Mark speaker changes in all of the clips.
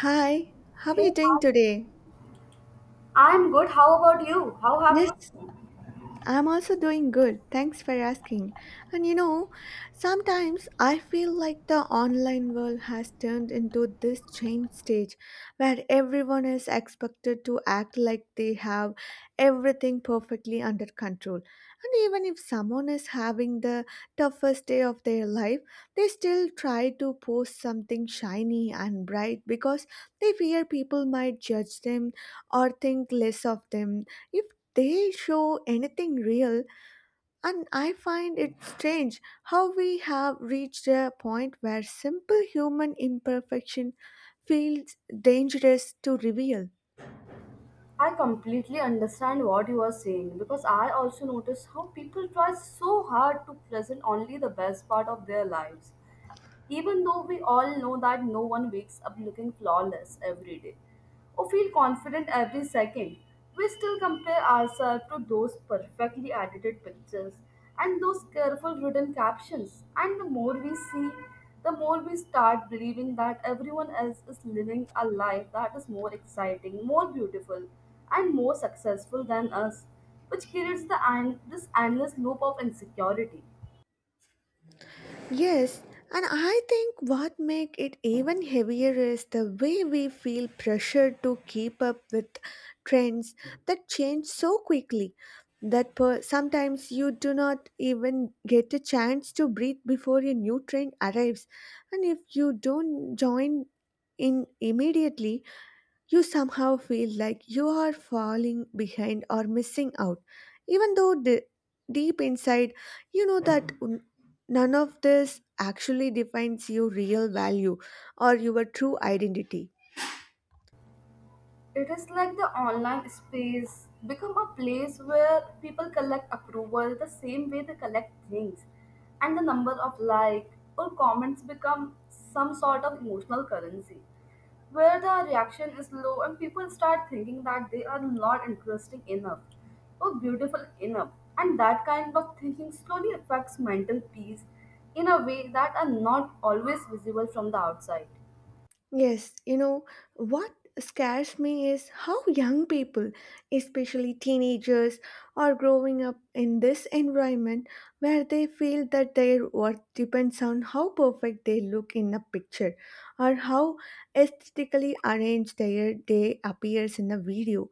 Speaker 1: Hi, how are
Speaker 2: Hey,
Speaker 1: you doing
Speaker 2: hi.
Speaker 1: today?
Speaker 2: I'm good. How about you? How have
Speaker 1: Yes,
Speaker 2: you?
Speaker 1: I'm also doing good. Thanks for asking. And you know, sometimes I feel like the online world has turned into this change stage where everyone is expected to act like they have everything perfectly under control. And even if someone is having the toughest day of their life, they still try to post something shiny and bright because they fear people might judge them or think less of them if they show anything real, and I find it strange how we have reached a point where simple human imperfection feels dangerous to reveal.
Speaker 2: I completely understand what you are saying because I also notice how people try so hard to present only the best part of their lives. Even though we all know that no one wakes up looking flawless every day or feel confident every second, we still compare ourselves to those perfectly edited pictures and those careful written captions. And the more we see, the more we start believing that everyone else is living a life that is more exciting, more beautiful, and more successful than us, which creates the end this endless loop of insecurity.
Speaker 1: Yes, and I think what makes it even heavier is the way we feel pressured to keep up with trends that change so quickly that sometimes you do not even get a chance to breathe before a new trend arrives, and if you don't join in immediately you somehow feel like you are falling behind or missing out, even though deep inside you know that none of this actually defines your real value or your true identity.
Speaker 2: It is like the online space become a place where people collect approval the same way they collect things, and the number of like or comments become some sort of emotional currency, where the reaction is low and people start thinking that they are not interesting enough or beautiful enough, and that kind of thinking slowly affects mental peace in a way that are not always visible from the outside.
Speaker 1: Yes, you know, what scares me is how young people, especially teenagers, are growing up in this environment where they feel that their worth depends on how perfect they look in a picture or how aesthetically arranged their day appears in a video.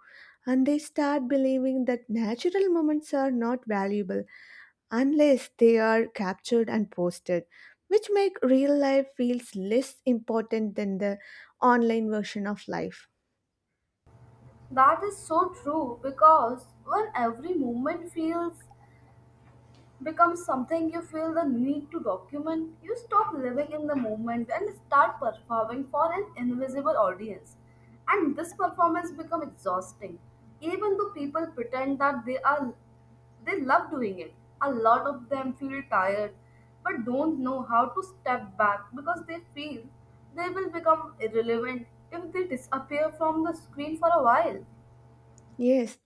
Speaker 1: And they start believing that natural moments are not valuable unless they are captured and posted, which make real life feels less important than the online version of life.
Speaker 2: That is so true because when every moment feels becomes something you feel the need to document, you stop living in the moment and start performing for an invisible audience. And this performance becomes exhausting, even though people pretend that they love doing it. A lot of them feel tired but don't know how to step back because they feel they will become irrelevant if they disappear from the screen for a while.
Speaker 1: Yes,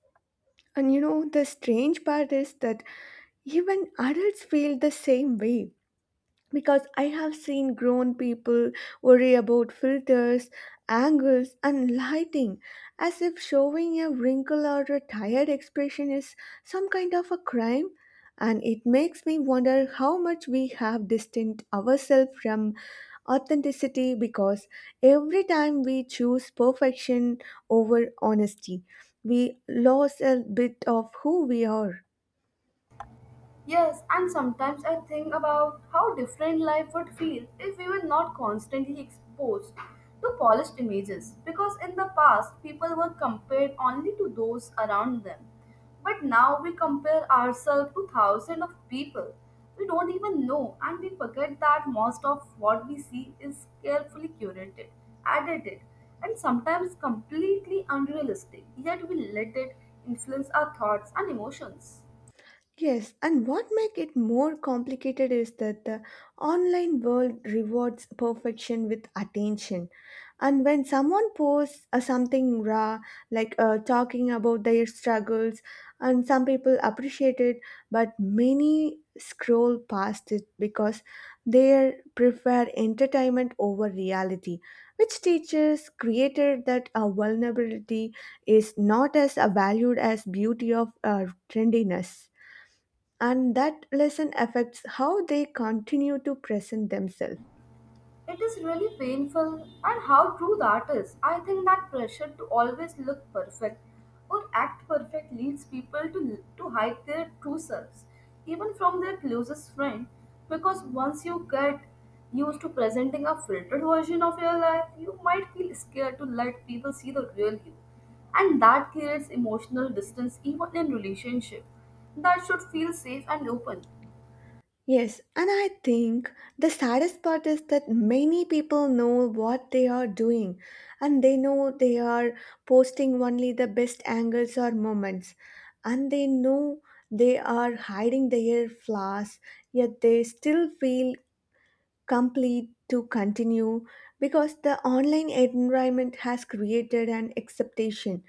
Speaker 1: and you know, the strange part is that even adults feel the same way because I have seen grown people worry about filters, angles, and lighting as if showing a wrinkle or a tired expression is some kind of a crime. And it makes me wonder how much we have distanced ourselves from authenticity, because every time we choose perfection over honesty, we lose a bit of who we are.
Speaker 2: Yes, and sometimes I think about how different life would feel if we were not constantly exposed to polished images. Because in the past, people were compared only to those around them. But now we compare ourselves to thousands of people we don't even know, and we forget that most of what we see is carefully curated, edited, and sometimes completely unrealistic, yet we let it influence our thoughts and emotions.
Speaker 1: Yes, and what make it more complicated is that the online world rewards perfection with attention. And when someone posts something raw, like talking about their struggles, and some people appreciate it, but many scroll past it because they prefer entertainment over reality, which teaches created that vulnerability is not as valued as beauty of trendiness, and that lesson affects how they continue to present themselves.
Speaker 2: It is really painful, and how true that is. I think that pressure to always look perfect or act perfect leads people to hide their true selves, even from their closest friend, because once you get used to presenting a filtered version of your life, you might feel scared to let people see the real you. And that creates emotional distance even in relationship that should feel safe and open.
Speaker 1: Yes, and I think the saddest part is that many people know what they are doing, and they know they are posting only the best angles or moments, and they know they are hiding their flaws, yet they still feel complete to continue because the online environment has created an expectation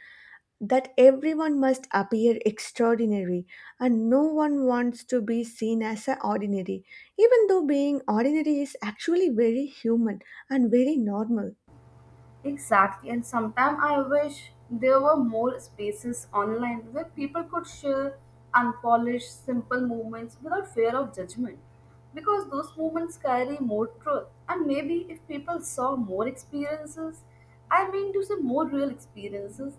Speaker 1: that everyone must appear extraordinary, and no one wants to be seen as a ordinary, even though being ordinary is actually very human and very normal.
Speaker 2: Exactly, and sometimes I wish there were more spaces online where people could share unpolished, simple movements without fear of judgment. Because those movements carry more truth, and maybe if people saw more experiences, I mean to say more real experiences,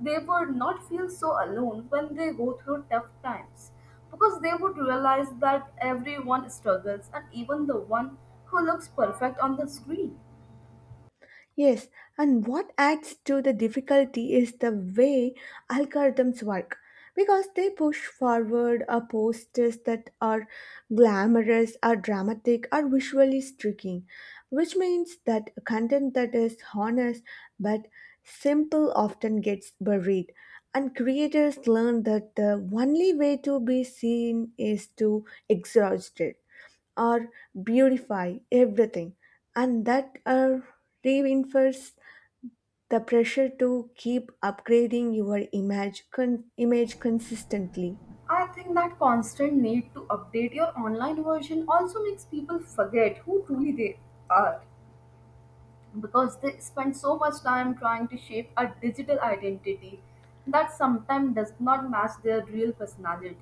Speaker 2: they would not feel so alone when they go through tough times. Because they would realize that everyone struggles, and even the one who looks perfect on the screen.
Speaker 1: Yes, and what adds to the difficulty is the way algorithms work, because they push forward a posters that are glamorous or dramatic or visually striking, which means that content that is honest but simple often gets buried. And creators learn that the only way to be seen is to exhaust it or beautify everything, and that reinforces the pressure to keep upgrading your image consistently.
Speaker 2: I think that constant need to update your online version also makes people forget who truly they are because they spend so much time trying to shape a digital identity that sometimes does not match their real personality.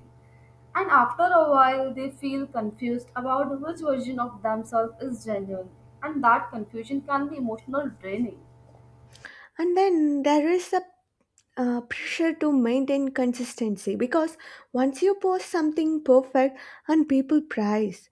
Speaker 2: And after a while, they feel confused about which version of themselves is genuine, and that confusion can be emotional draining.
Speaker 1: And then there is a pressure to maintain consistency, because once you post something perfect and people praise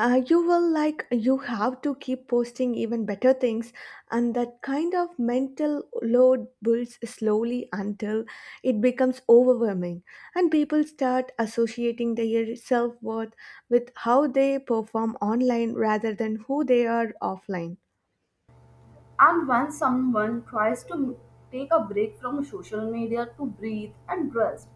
Speaker 1: you, will like you have to keep posting even better things, and that kind of mental load builds slowly until it becomes overwhelming, and people start associating their self-worth with how they perform online rather than who they are offline.
Speaker 2: And when someone tries to take a break from social media to breathe and rest,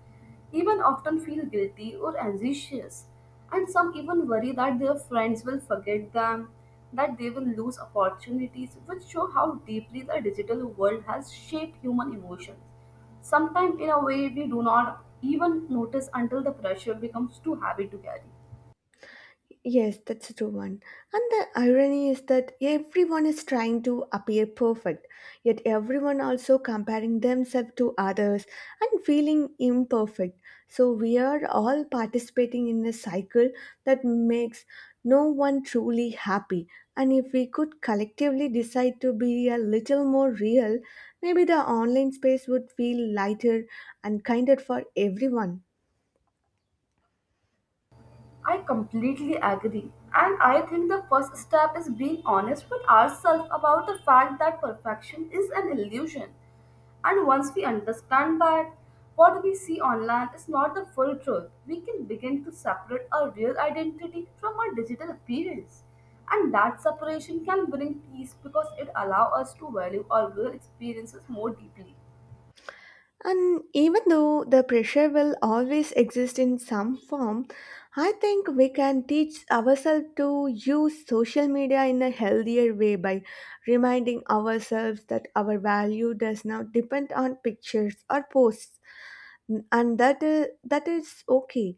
Speaker 2: even often feel guilty or anxious. And some even worry that their friends will forget them, that they will lose opportunities, which show how deeply the digital world has shaped human emotions. Sometimes, in a way, we do not even notice until the pressure becomes too heavy to carry.
Speaker 1: Yes, that's a true one. And the irony is that everyone is trying to appear perfect, yet everyone also comparing themselves to others and feeling imperfect. So we are all participating in a cycle that makes no one truly happy. And if we could collectively decide to be a little more real, maybe the online space would feel lighter and kinder for everyone.
Speaker 2: I completely agree. And I think the first step is being honest with ourselves about the fact that perfection is an illusion. And once we understand that what we see online is not the full truth, we can begin to separate our real identity from our digital appearance. And that separation can bring peace because it allows us to value our real experiences more deeply.
Speaker 1: And even though the pressure will always exist in some form, I think we can teach ourselves to use social media in a healthier way by reminding ourselves that our value does not depend on pictures or posts, and that is okay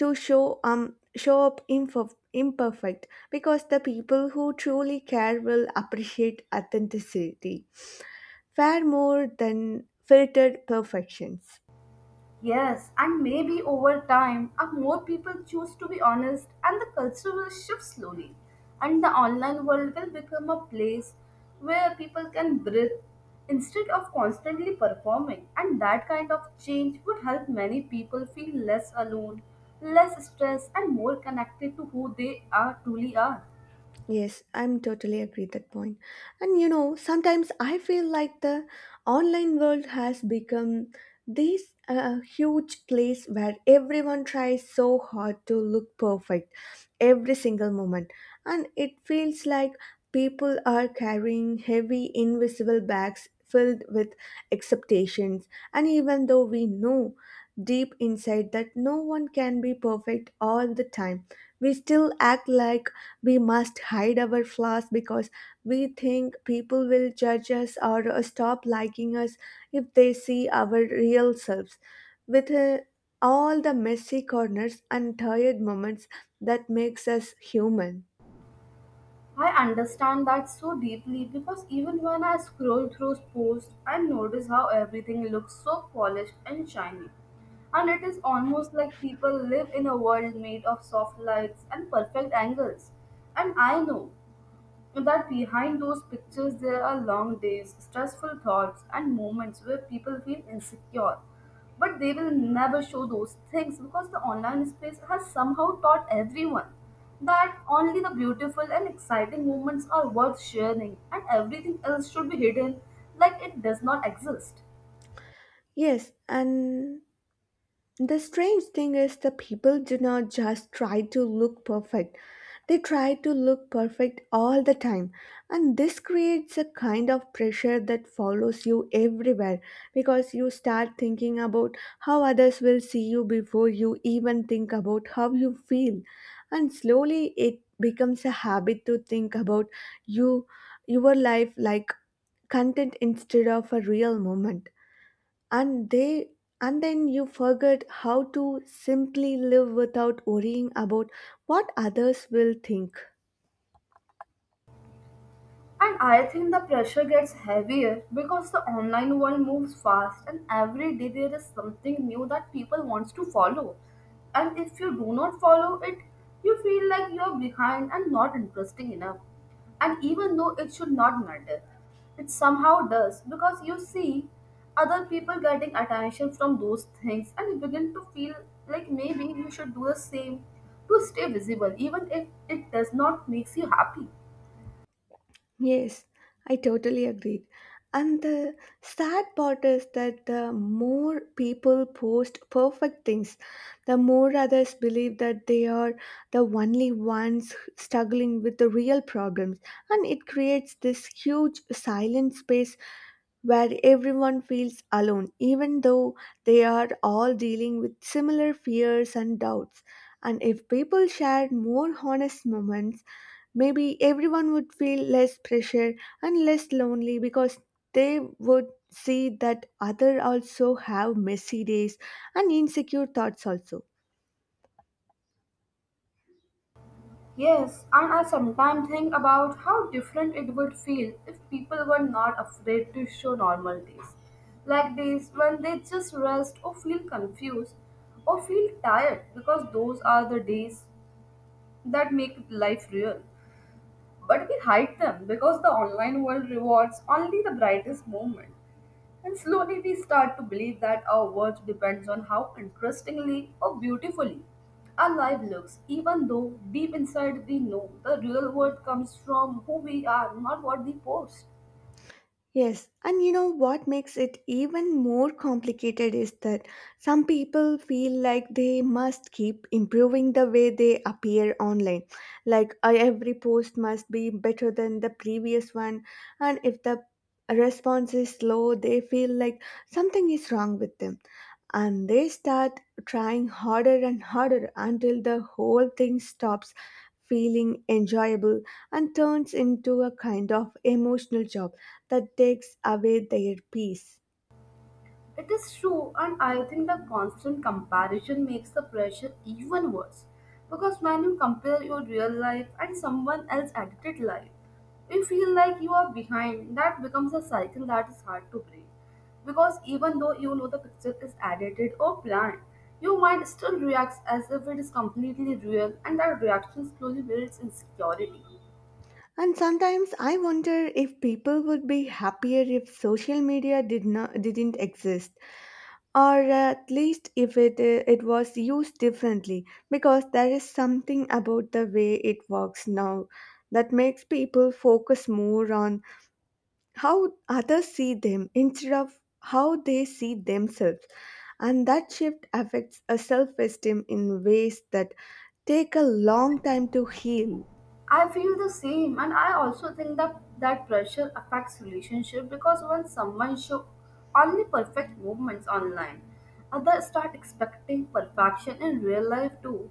Speaker 1: to show imperfect, because the people who truly care will appreciate authenticity far more than filtered perfections.
Speaker 2: Yes, and maybe over time, more people choose to be honest, and the culture will shift slowly. And the online world will become a place where people can breathe instead of constantly performing. And that kind of change would help many people feel less alone, less stressed, and more connected to who they are truly are.
Speaker 1: Yes, I'm totally agree that point. And you know, sometimes I feel like the online world has become this huge place where everyone tries so hard to look perfect every single moment, and it feels like people are carrying heavy invisible bags filled with expectations. And even though we know deep inside that no one can be perfect all the time. We still act like we must hide our flaws because we think people will judge us or stop liking us if they see our real selves. With all the messy corners and tired moments that makes us human.
Speaker 2: I understand that so deeply because even when I scroll through posts, I notice how everything looks so polished and shiny. And it is almost like people live in a world made of soft lights and perfect angles. And I know and That behind those pictures, there are long days, stressful thoughts, and moments where people feel insecure. But they will never show those things because the online space has somehow taught everyone that only the beautiful and exciting moments are worth sharing, and everything else should be hidden like it does not exist.
Speaker 1: Yes, and the strange thing is, the people do not just try to look perfect, they try to look perfect all the time. And this creates a kind of pressure that follows you everywhere because you start thinking about how others will see you before you even think about how you feel. And slowly it becomes a habit to think about you, your life like content instead of a real moment, and they and then you forget how to simply live without worrying about what others will think.
Speaker 2: And I think the pressure gets heavier because the online world moves fast and every day there is something new that people wants to follow. And if you do not follow it, you feel like you are behind and not interesting enough. And even though it should not matter, it somehow does because you see other people getting attention from those things and you begin to feel like maybe you should do the same to stay visible even if it does not makes you happy.
Speaker 1: Yes, I totally agreed. And the sad part is that the more people post perfect things, the more others believe that they are the only ones struggling with the real problems, and it creates this huge silent space where everyone feels alone, even though they are all dealing with similar fears and doubts. And if people shared more honest moments, maybe everyone would feel less pressure and less lonely, because they would see that others also have messy days and insecure thoughts also.
Speaker 2: Yes, and I sometimes think about how different it would feel if people were not afraid to show normalities like this when they just rest or feel confused or feel tired because those are the days that make life real. But we hide them because the online world rewards only the brightest moment. And slowly we start to believe that our worth depends on how interestingly or beautifully our life looks, even though deep inside we know the real worth comes from who we are, not what we post.
Speaker 1: Yes, and you know what makes it even more complicated is that some people feel like they must keep improving the way they appear online. Like every post must be better than the previous one, and if the response is slow, they feel like something is wrong with them. And they start trying harder and harder until the whole thing stops feeling enjoyable and turns into a kind of emotional job that takes away their peace.
Speaker 2: It is true, and I think the constant comparison makes the pressure even worse because when you compare your real life and someone else's edited life, you feel like you are behind. That becomes a cycle that is hard to break because even though you know the picture is edited or planned, your mind still reacts as if it is completely real, and that reaction slowly builds insecurity.
Speaker 1: And sometimes I wonder if people would be happier if social media didn't exist, or at least if it it was used differently. Because there is something about the way it works now that makes people focus more on how others see them instead of how they see themselves, and that shift affects a self-esteem in ways that take a long time to heal.
Speaker 2: I feel the same, and I also think that pressure affects relationship because when someone show only perfect movements online, others start expecting perfection in real life too.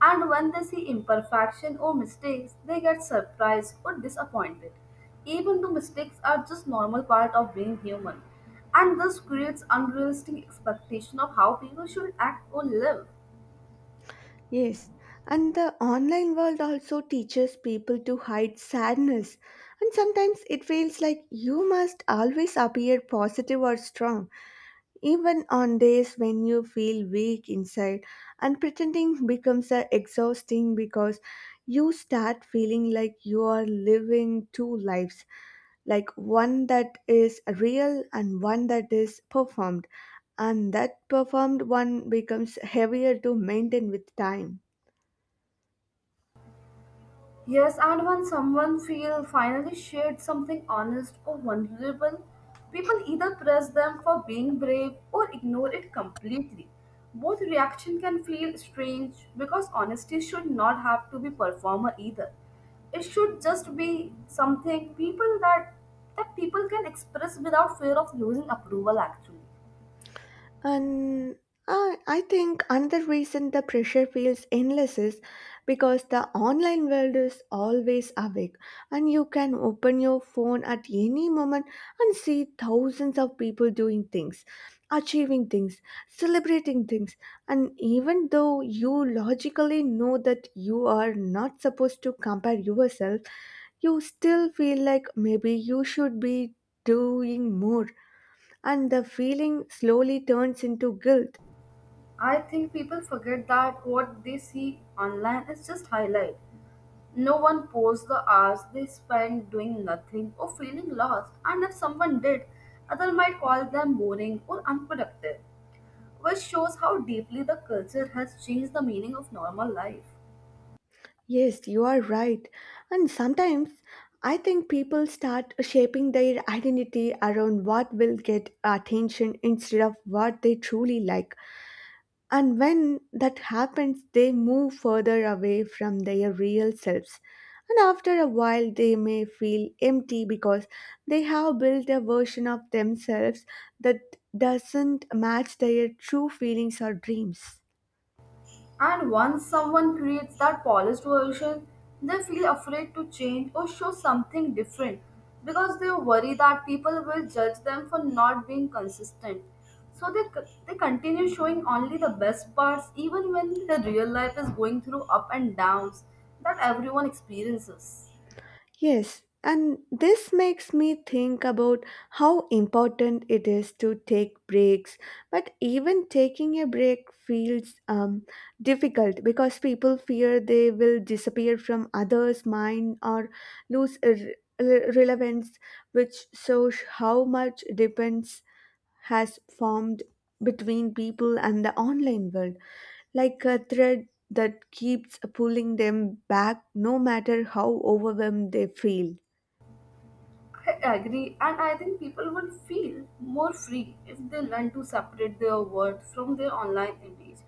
Speaker 2: And when they see imperfection or mistakes, they get surprised or disappointed, even though mistakes are just normal part of being human. And this creates unrealistic expectation of how people should act or live.
Speaker 1: Yes, and the online world also teaches people to hide sadness, and sometimes it feels like you must always appear positive or strong, even on days when you feel weak inside, and pretending becomes exhausting because you start feeling like you are living two lives, like one that is real and one that is performed, and that performed one becomes heavier to maintain with time.
Speaker 2: Yes, and when someone feel finally shared something honest or vulnerable, people either praise them for being brave or ignore it completely. Both reaction can feel strange because honesty should not have to be performer either. It should just be something people that that people can express without fear of losing approval actually.
Speaker 1: And I think another reason the pressure feels endless is because the online world is always awake, and you can open your phone at any moment and see thousands of people doing things, achieving things, celebrating things. And even though you logically know that you are not supposed to compare yourself, you still feel like maybe you should be doing more, and the feeling slowly turns into guilt.
Speaker 2: I think people forget that what they see online is just highlight. No one posts the hours they spend doing nothing or feeling lost, and if someone did, others might call them boring or unproductive, which shows how deeply the culture has changed the meaning of normal life.
Speaker 1: Yes, you are right. And sometimes I think people start shaping their identity around what will get attention instead of what they truly like. And when that happens, they move further away from their real selves. And after a while, they may feel empty because they have built a version of themselves that doesn't match their true feelings or dreams.
Speaker 2: And once someone creates that polished version, they feel afraid to change or show something different because they worry that people will judge them for not being consistent. So they continue showing only the best parts even when the real life is going through up and downs that everyone experiences.
Speaker 1: Yes, and this makes me think about how important it is to take breaks. But even taking a break feels difficult because people fear they will disappear from others' mind or lose relevance, which shows how much depends has formed between people and the online world, like a thread that keeps pulling them back no matter how overwhelmed they feel.
Speaker 2: I agree, and I think people would feel more free if they learn to separate their work from their online image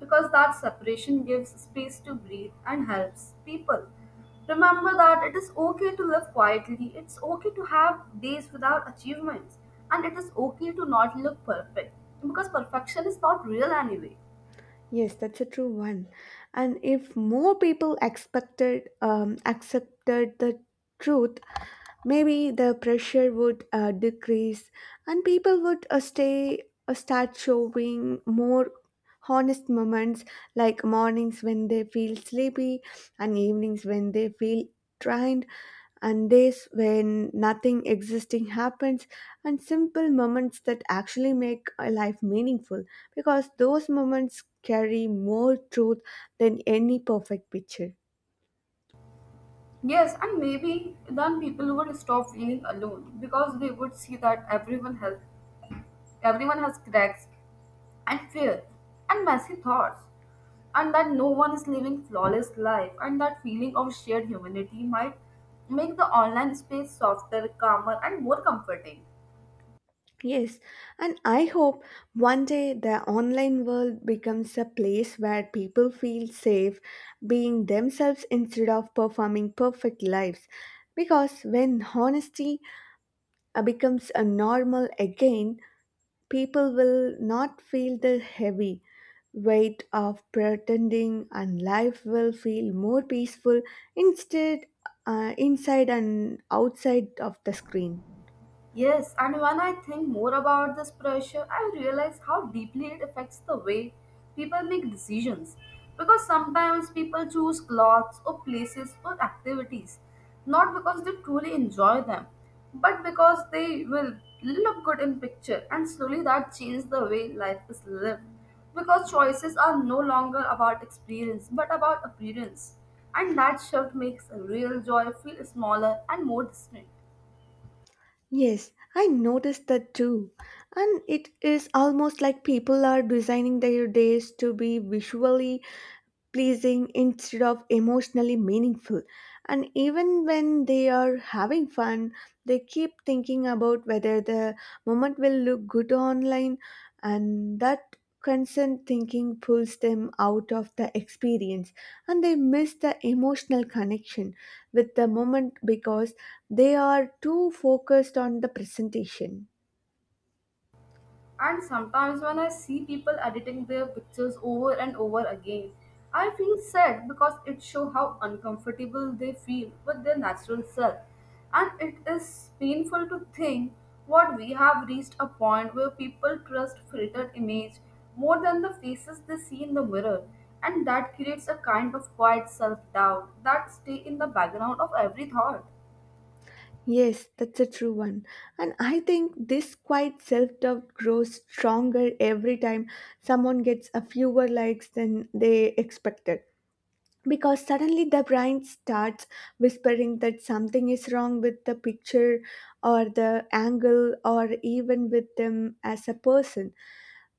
Speaker 2: because that separation gives space to breathe and helps people. Remember that it is okay to live quietly, it's okay to have days without achievements, and it is okay to not look perfect because perfection is not real anyway.
Speaker 1: Yes, that's a true one. And if more people expected accepted the truth, maybe the pressure would decrease, and people would stay start showing more honest moments, like mornings when they feel sleepy and evenings when they feel drained and days when nothing existing happens and simple moments that actually make a life meaningful, because those moments carry more truth than any perfect picture.
Speaker 2: Yes, and maybe then people would stop feeling alone because they would see that everyone has cracks and fear and messy thoughts and that no one is living flawless life and that feeling of shared humanity might make the online space softer, calmer and more comforting.
Speaker 1: Yes, and I hope one day the online world becomes a place where people feel safe being themselves instead of performing perfect lives. Because when honesty becomes a normal again, people will not feel the heavy weight of pretending, and life will feel more peaceful instead inside and outside of the screen.
Speaker 2: Yes, and when I think more about this pressure, I realize how deeply it affects the way people make decisions. Because sometimes people choose clothes or places or activities not because they truly enjoy them, but because they will look good in picture and slowly that changes the way life is lived. Because choices are no longer about experience but about appearance. And that shift makes real joy feel smaller and more distant.
Speaker 1: Yes, I noticed that too. And it is almost like people are designing their days to be visually pleasing instead of emotionally meaningful. And even when they are having fun, they keep thinking about whether the moment will look good online, and that constant thinking pulls them out of the experience, and they miss the emotional connection with the moment because they are too focused on the presentation.
Speaker 2: And sometimes when I see people editing their pictures over and over again, I feel sad because it shows how uncomfortable they feel with their natural self. And it is painful to think what we have reached a point where people trust filtered image more than the faces they see in the mirror. And that creates a kind of quiet self doubt that stay in the background of every thought.
Speaker 1: Yes, that's a true one. And I think this quiet self doubt grows stronger every time someone gets a fewer likes than they expected. Because suddenly the brain starts whispering that something is wrong with the picture or the angle or even with them as a person.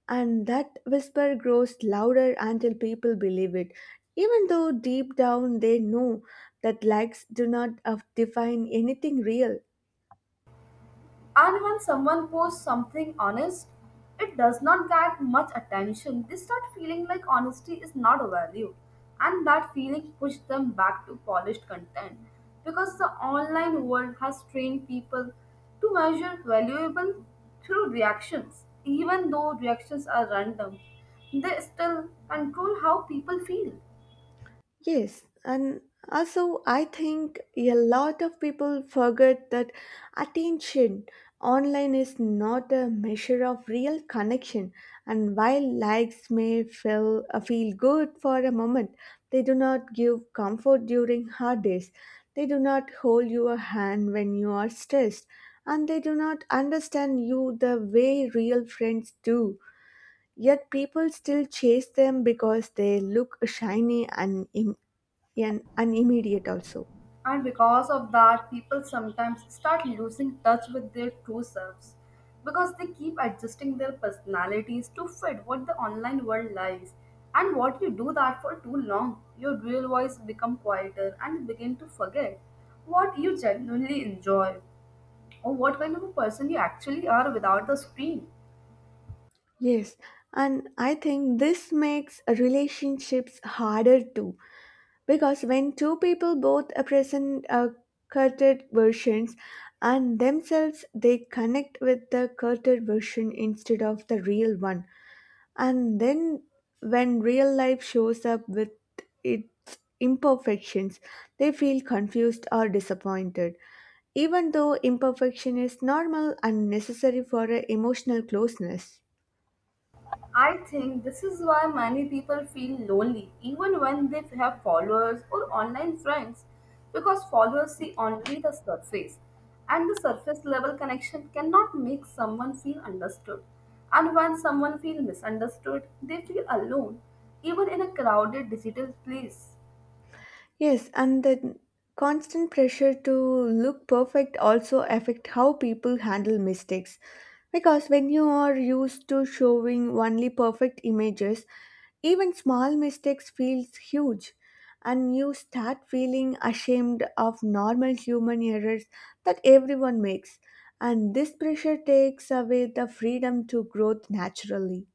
Speaker 1: And that whisper grows louder until people believe it. Even though deep down they know that likes do not define anything real.
Speaker 2: And when someone posts something honest, it does not get much attention. They start feeling like honesty is not a value, and that feeling pushes them back to polished content because the online world has trained people to measure valuable through reactions. Even though reactions are random, they still control how people feel.
Speaker 1: Yes, and also I think a lot of people forget that attention online is not a measure of real connection. And while likes may feel good for a moment, they do not give comfort during hard days. They do not hold your hand when you are stressed, and they do not understand you the way real friends do. Yet people still chase them because they look shiny and and immediate also.
Speaker 2: And because of that, people sometimes start losing touch with their true selves because they keep adjusting their personalities to fit what the online world lies. And what you do that for too long, your real voice become quieter and you begin to forget what you genuinely enjoy or what kind of a person you actually are without the screen.
Speaker 1: Yes, and I think this makes relationships harder too because when two people both are present curted versions and themselves, they connect with the curted version instead of the real one. And then when real life shows up with its imperfections, they feel confused or disappointed. Even though imperfection is normal and necessary for a emotional closeness.
Speaker 2: I think this is why many people feel lonely even when they have followers or online friends because followers see only the surface, and the surface level connection cannot make someone feel understood. And when someone feels misunderstood, they feel alone even in a crowded digital place.
Speaker 1: Yes, and the constant pressure to look perfect also affect how people handle mistakes. Because when you are used to showing only perfect images, even small mistakes feels huge, and you start feeling ashamed of normal human errors that everyone makes, and this pressure takes away the freedom to growth naturally.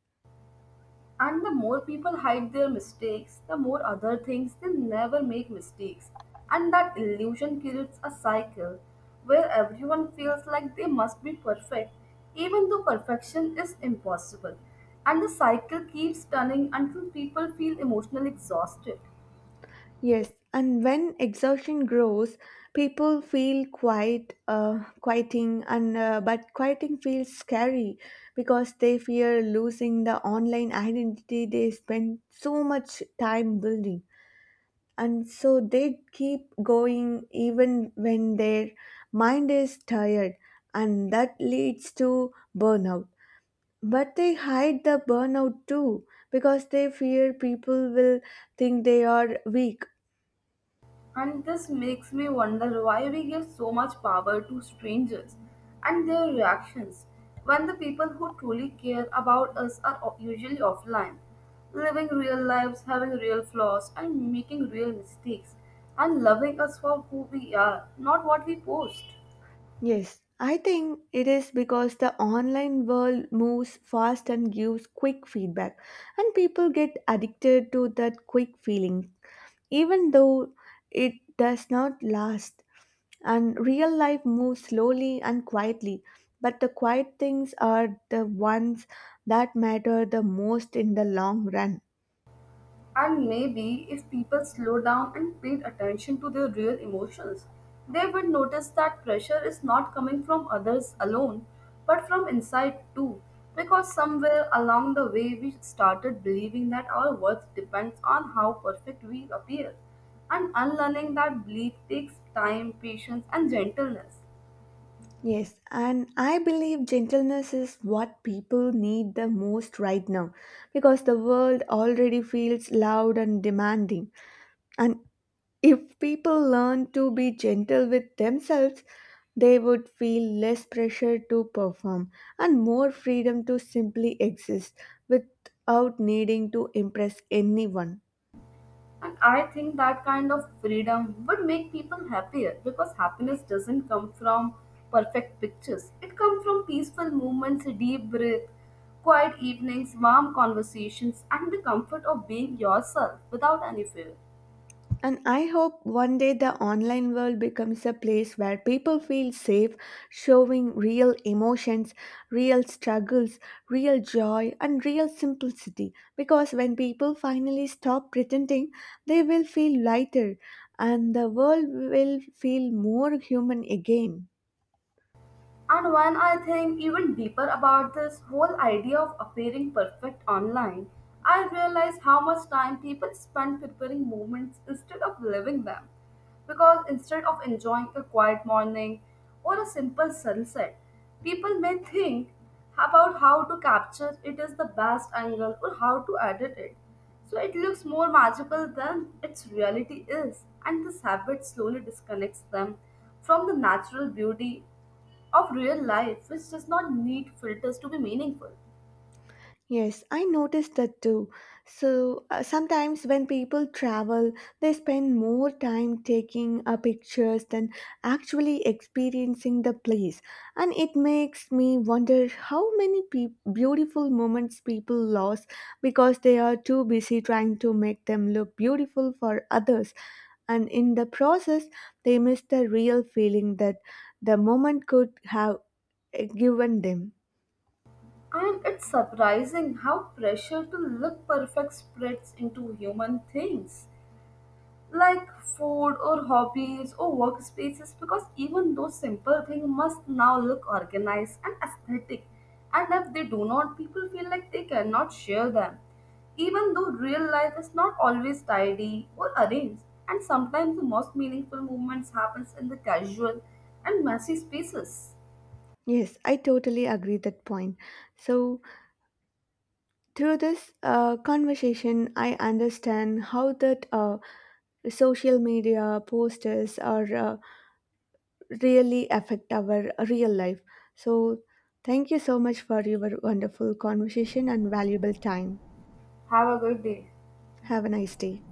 Speaker 2: And the more people hide their mistakes, the more other things they never make mistakes. And that illusion creates a cycle where everyone feels like they must be perfect, even though perfection is impossible. And the cycle keeps turning until people feel emotionally exhausted.
Speaker 1: Yes, and when exhaustion grows, people feel quite quieting, and but quieting feels scary because they fear losing the online identity they spend so much time building, and so they keep going even when their mind is tired, and that leads to burnout. But they hide the burnout too because they fear people will think they are weak.
Speaker 2: And this makes me wonder why we give so much power to strangers and their reactions when the people who truly care about us are usually offline, living real lives, having real flaws, and making real mistakes, and loving us for who we are, not what we post.
Speaker 1: Yes, I think it is because the online world moves fast and gives quick feedback, and people get addicted to that quick feeling, even though it does not last. And real life moves slowly and quietly, but the quiet things are the ones that matter the most in the long run.
Speaker 2: And maybe if people slow down and paid attention to their real emotions, they would notice that pressure is not coming from others alone, but from inside too. Because somewhere along the way, we started believing that our worth depends on how perfect we appear. And unlearning that belief takes time, patience, and gentleness.
Speaker 1: Yes, and I believe gentleness is what people need the most right now because the world already feels loud and demanding. And if people learn to be gentle with themselves, they would feel less pressure to perform and more freedom to simply exist without needing to impress anyone.
Speaker 2: And I think that kind of freedom would make people happier because happiness doesn't come from perfect pictures. It comes from peaceful movements, deep breath, quiet evenings, warm conversations, and the comfort of being yourself without any fear.
Speaker 1: And I hope one day the online world becomes a place where people feel safe showing real emotions, real struggles, real joy, and real simplicity. Because when people finally stop pretending, they will feel lighter and the world will feel more human again.
Speaker 2: And when I think even deeper about this whole idea of appearing perfect online, I realize how much time people spend preparing moments instead of living them. Because instead of enjoying a quiet morning or a simple sunset, people may think about how to capture it as the best angle or how to edit it. So it looks more magical than its reality is, and this habit slowly disconnects them from the natural beauty of real life, which does not need filters to be meaningful.
Speaker 1: Yes, I noticed that too. So sometimes when people travel, they spend more time taking pictures than actually experiencing the place. And it makes me wonder how many peop beautiful moments people lose because they are too busy trying to make them look beautiful for others. And in the process, they miss the real feeling that the moment could have given them.
Speaker 2: And it's surprising how pressure to look perfect spreads into human things, like food or hobbies or workspaces, because even those simple things must now look organized and aesthetic. And if they do not, people feel like they cannot share them, even though real life is not always tidy or arranged, and sometimes the most meaningful movements happens in the casual and messy spaces.
Speaker 1: Yes, I totally agree that point. So through this conversation, I understand how that social media posters are really affect our real life. So thank you so much for your wonderful conversation and valuable time.
Speaker 2: Have a good day.
Speaker 1: Have a nice day.